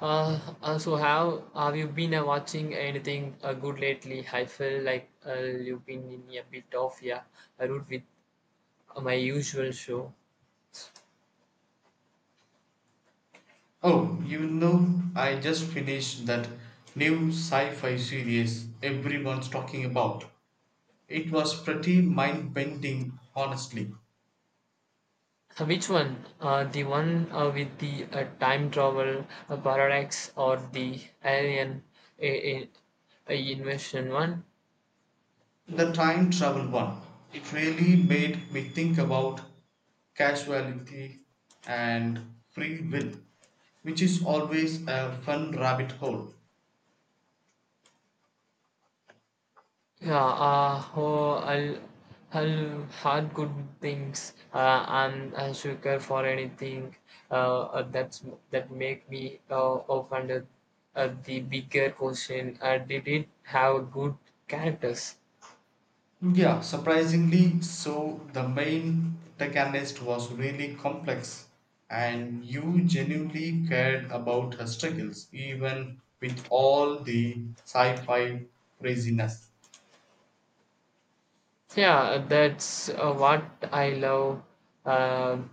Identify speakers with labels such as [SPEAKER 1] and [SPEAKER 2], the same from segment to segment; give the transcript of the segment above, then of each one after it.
[SPEAKER 1] So have you been watching anything good lately? I feel like you've been in a bit of yeah, a route with my usual show.
[SPEAKER 2] Oh, I just finished that new sci fi series everyone's talking about. It was pretty mind bending, honestly.
[SPEAKER 1] Which one? The one with the time travel paradox or the alien uh, uh, invasion one?
[SPEAKER 2] The time travel one. It really made me think about casuality and free will, which is always a fun rabbit hole.
[SPEAKER 1] Yeah, I'll had good things, am a sucker for anything, that's that make me offended. The bigger question, did it have good characters?
[SPEAKER 2] Yeah, surprisingly so. The main protagonist was really complex, and you genuinely cared about her struggles, even with all the sci fi craziness.
[SPEAKER 1] Yeah, that's what I love. Um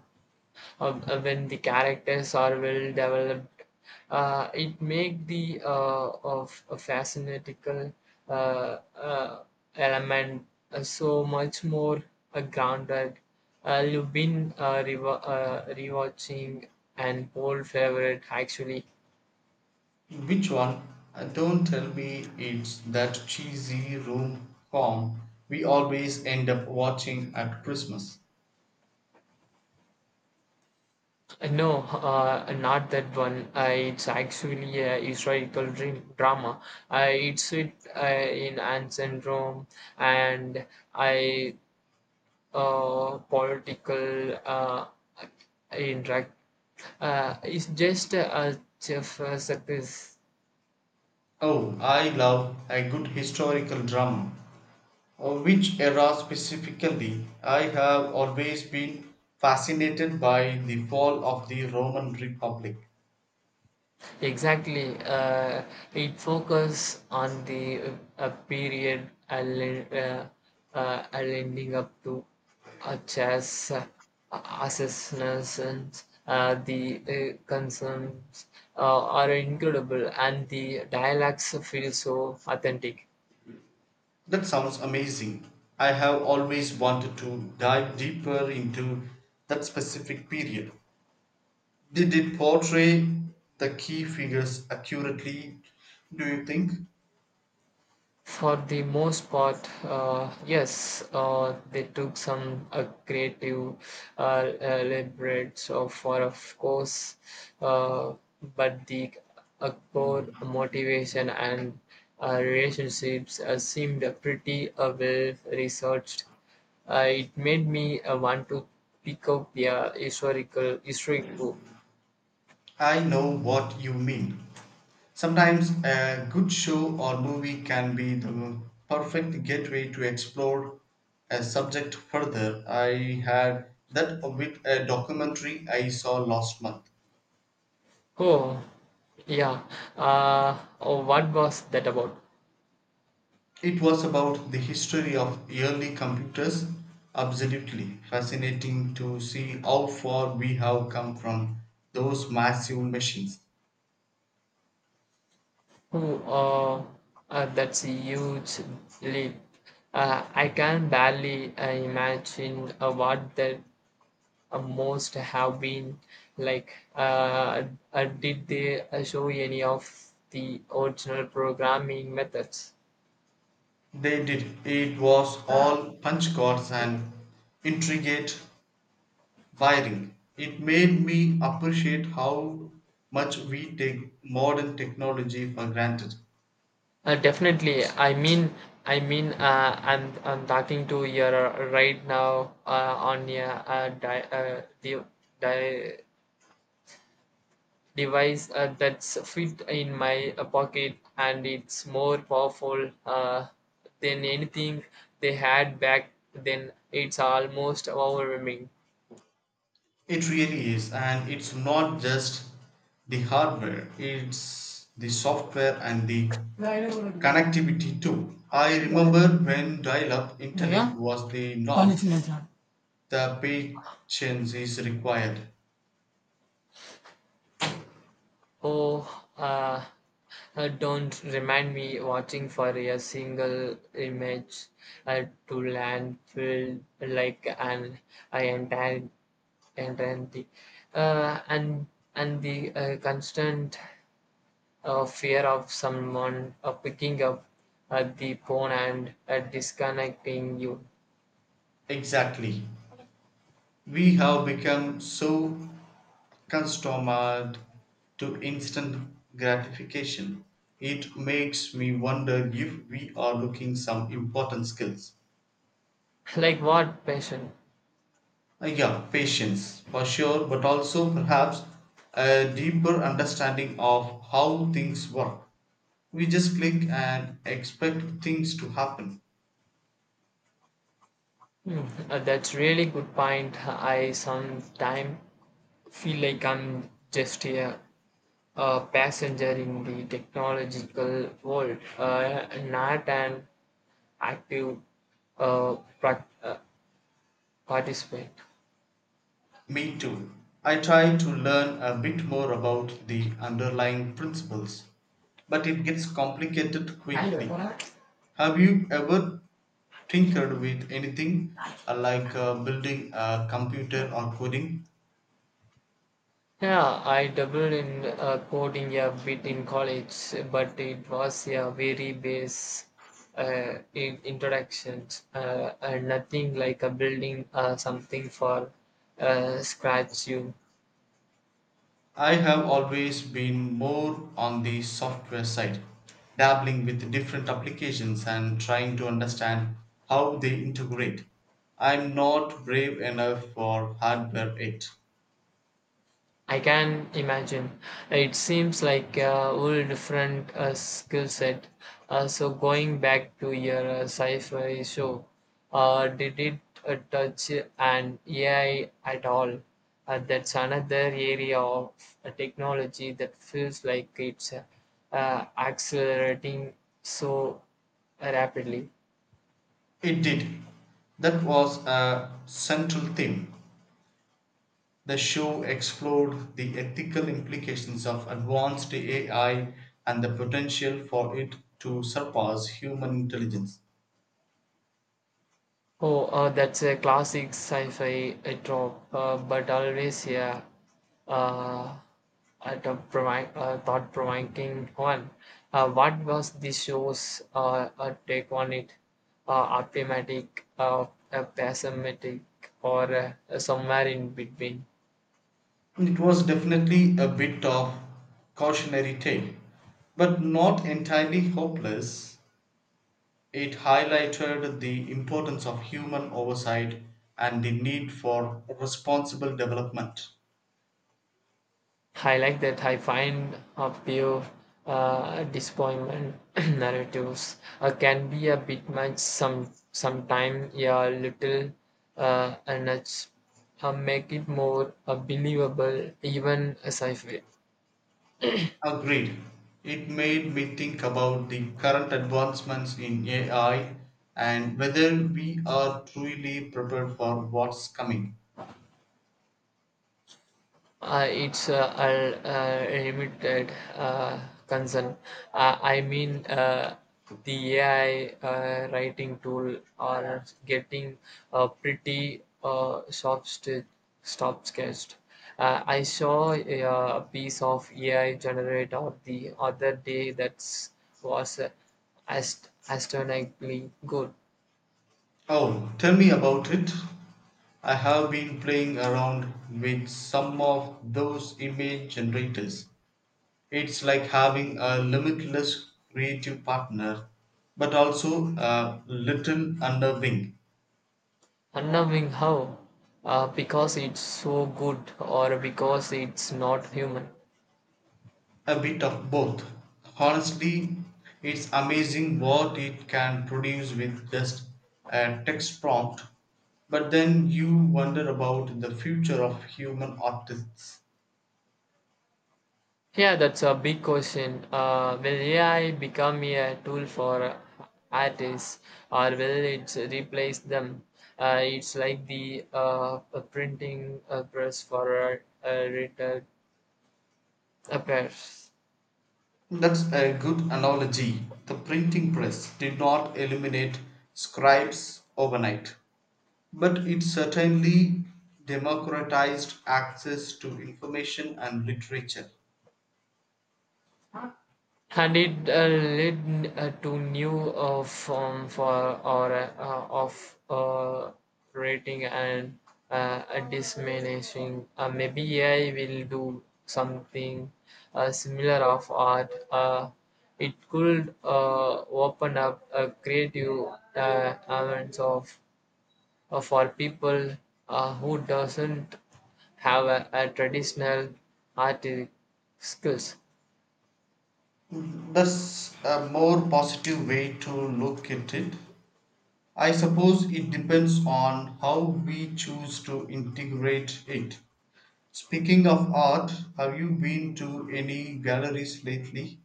[SPEAKER 1] when the characters are well developed, it make the of a fascinating uh, uh, element so much more grounded. You've been rewatching an old favorite actually.
[SPEAKER 2] Which one? Don't tell me it's that cheesy room com we always end up watching at Christmas.
[SPEAKER 1] No, uh, not that one. It's actually a historical dream, drama. It's set in ancient Rome, and I political interact is just a chef success.
[SPEAKER 2] Oh, I love a good historical drama. Of which era specifically? I have always been fascinated by the fall of the Roman Republic.
[SPEAKER 1] Exactly, it focuses on the period leading up to chess assassinations. The concerns are incredible, and the dialects feel so authentic.
[SPEAKER 2] That sounds amazing. I have always wanted to dive deeper into that specific period. Did it portray the key figures accurately, do you think?
[SPEAKER 1] For the most part, yes, they took some creative uh, liberties of, for of course, uh, but the core motivation and relationships seemed pretty well researched. It made me want to pick up a historic book.
[SPEAKER 2] I know what you mean. Sometimes a good show or movie can be the perfect gateway to explore a subject further. I had that with a documentary I saw last month.
[SPEAKER 1] Oh, yeah. Oh, what was that about?
[SPEAKER 2] It was about the history of early computers. Absolutely fascinating to see how far we have come from those massive machines.
[SPEAKER 1] Who That's a huge leap. I can barely imagine what that most have been like. Did they show any of the original programming methods?
[SPEAKER 2] They did. It was all punch cards and intricate wiring. It made me appreciate how much we take modern technology for granted.
[SPEAKER 1] Definitely. I mean, I'm talking to you right now on your di- device that's fit in my pocket, and it's more powerful than anything they had back then. It's almost overwhelming.
[SPEAKER 2] It really is, and it's not just the hardware, it's the software and the connectivity too. I remember when dial up
[SPEAKER 1] దయా
[SPEAKER 2] internet was the norm,
[SPEAKER 1] కాలిచిన జాన్.
[SPEAKER 2] the patience is required.
[SPEAKER 1] oh uh, don't remind me, watching for a single image uh, to landfill like an entire. And and the uh, and and the uh, constant fear of someone picking up the phone and disconnecting you.
[SPEAKER 2] Exactly. We have become so accustomed to instant gratification, it makes me wonder if we are looking some important skills.
[SPEAKER 1] Like what, passion?
[SPEAKER 2] Yeah, patience for sure, but also perhaps a deeper understanding of how things work. We just click and expect things to happen.
[SPEAKER 1] Hmm, that's really good point. I sometimes feel like I'm just a passenger in the technological world, not an active uh, prac- uh, participant.
[SPEAKER 2] Me too. I try to learn a bit more about the underlying principles, but it gets complicated
[SPEAKER 1] Hello.
[SPEAKER 2] quickly. Have you ever tinkered with anything like building a computer or coding.
[SPEAKER 1] Yeah, I dabbled in coding a bit in college, but it was a very base in introductions, and nothing like a building something for scratch. You
[SPEAKER 2] I have always been more on the software side, dabbling with different applications and trying to understand how they integrate. I'm not brave enough for hardware yet.
[SPEAKER 1] I can imagine. It seems like a whole different skill set. So going back to your sci-fi show, did it touch an AI at all? That's another area of technology that feels like it's accelerating so rapidly.
[SPEAKER 2] It did. That was a central theme. The show explored the ethical implications of advanced AI and the potential for it to surpass human intelligence.
[SPEAKER 1] Oh, that's a classic sci-fi trope, but always yeah, uh, a thought-provoking one. What was the show's take on it? Uh, Optimistic, pessimistic, or somewhere in between?
[SPEAKER 2] It was definitely a bit of cautionary tale, but not entirely hopeless. It highlighted the importance of human oversight and the need for responsible development.
[SPEAKER 1] I like that. I find a pure disappointment narratives can be a bit much some sometime, yeah, a little and it's, make it more believable even as I feel.
[SPEAKER 2] Agreed. It made me think about the current advancements in AI and whether we are truly prepared for what's coming.
[SPEAKER 1] It's a limited concern. I mean, the AI writing tool are getting pretty stop sketched. I saw a piece of AI generator the other day that was astonishingly good.
[SPEAKER 2] Oh, tell me about it. I have been playing around with some of those image generators. It's like having a limitless creative partner, but also a little underwing.
[SPEAKER 1] Unnerving how? Because it's so good, or because it's not human.
[SPEAKER 2] A bit of both. Honestly, it's amazing what it can produce with just a text prompt. But then you wonder about the future of human artists.
[SPEAKER 1] Yeah, that's a big question. Will AI become a tool for artists, or will it replace them? It's like the a printing press for a writer. A press.
[SPEAKER 2] That's a good analogy. The printing press did not eliminate scribes overnight, but it certainly democratized access to information and literature.
[SPEAKER 1] And it led to new form for or of rating and a diminishing. Maybe AI will do something similar of art. It could open up a creative elements of for people who doesn't have a traditional artistic skills.
[SPEAKER 2] That's a more positive way to look at it. I suppose it depends on how we choose to integrate it. Speaking of art, have you been to any galleries lately?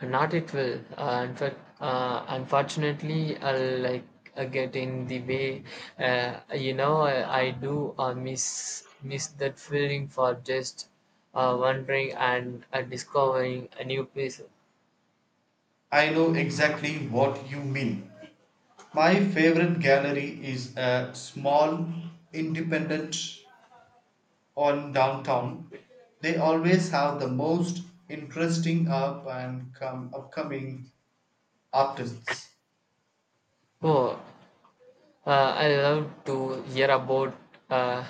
[SPEAKER 1] Not it will. In fact, unfortunately, I like get in the way. I do miss miss that feeling for just wandering and discovering a new place.
[SPEAKER 2] I know exactly what you mean. My favorite gallery is a small independent on downtown. They always have the most interesting up and come upcoming artists.
[SPEAKER 1] Oh, I love to hear about uh,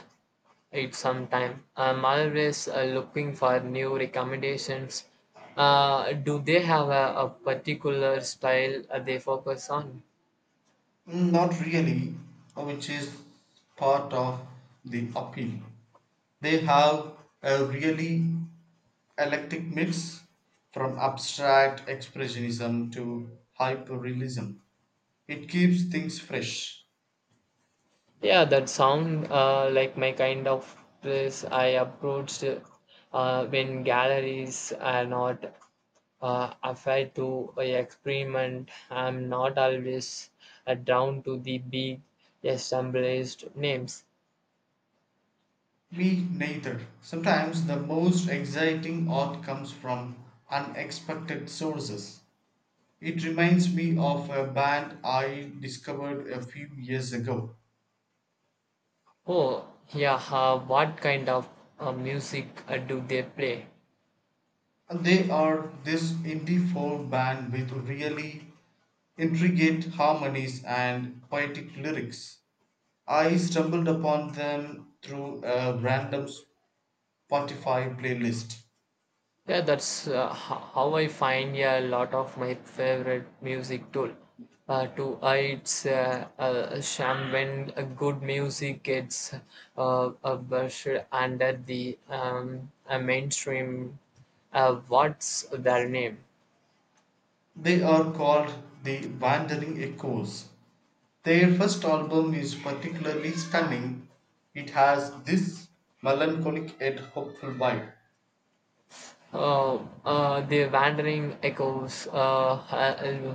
[SPEAKER 1] it sometime. I'm always looking for new recommendations. Do they have a particular style they focus on?
[SPEAKER 2] Mm, not really, which is part of the appeal. They have a really eclectic mix from abstract expressionism to hyperrealism. It keeps things fresh.
[SPEAKER 1] Yeah, that sound like my kind of place. I approached when galleries are not afraid to experiment. I'm not always drawn to the big established names.
[SPEAKER 2] Me neither. Sometimes the most exciting art comes from unexpected sources. It reminds me of a band I discovered a few years ago.
[SPEAKER 1] Oh, yeah. What kind of music do they play?
[SPEAKER 2] They are this indie folk band with really intricate harmonies and poetic lyrics. I stumbled upon them through a random Spotify playlist.
[SPEAKER 1] Yeah, that's how I find a lot of my favorite music tool. To It's sham when a good music gets brushed under the mainstream. What's their name?
[SPEAKER 2] They are called the Wandering Echoes. Their first album is particularly stunning. It has this melancholic yet hopeful vibe.
[SPEAKER 1] Oh, the Wandering Echoes.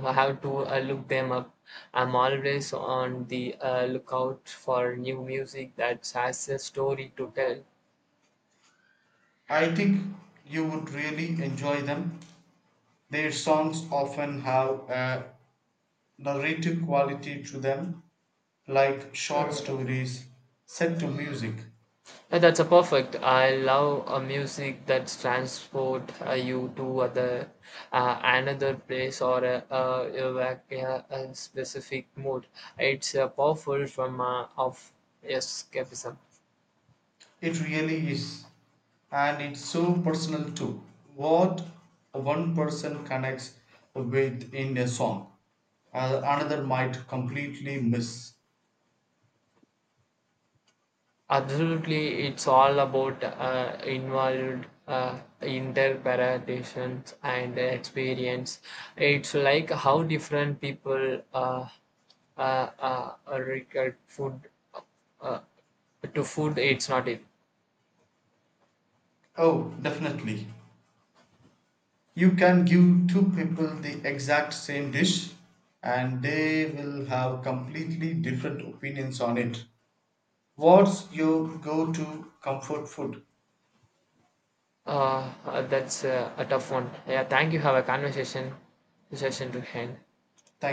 [SPEAKER 1] I have to look them up. I'm always on the lookout for new music that has a story to
[SPEAKER 2] I think you would really enjoy them. Their songs often have a narrative quality to them, like short
[SPEAKER 1] tell.
[SPEAKER 2] stories set to music.
[SPEAKER 1] That's a perfect. I love a music that transport you to other another place or evoke a specific mood. It's powerful from of escapism.
[SPEAKER 2] It really is. And it's so personal too. What one person connects with in a song, another might completely miss.
[SPEAKER 1] Absolutely, it's all about involved interpretations and experience. It's like how different people uh, regard food uh, to food. It's not it.
[SPEAKER 2] Oh, definitely. You can give two people the exact same dish and they will have completely different opinions on it. What's your go to comfort food?
[SPEAKER 1] That's a tough one. Yeah, thank you. Have a conversation session to hand.
[SPEAKER 2] Thank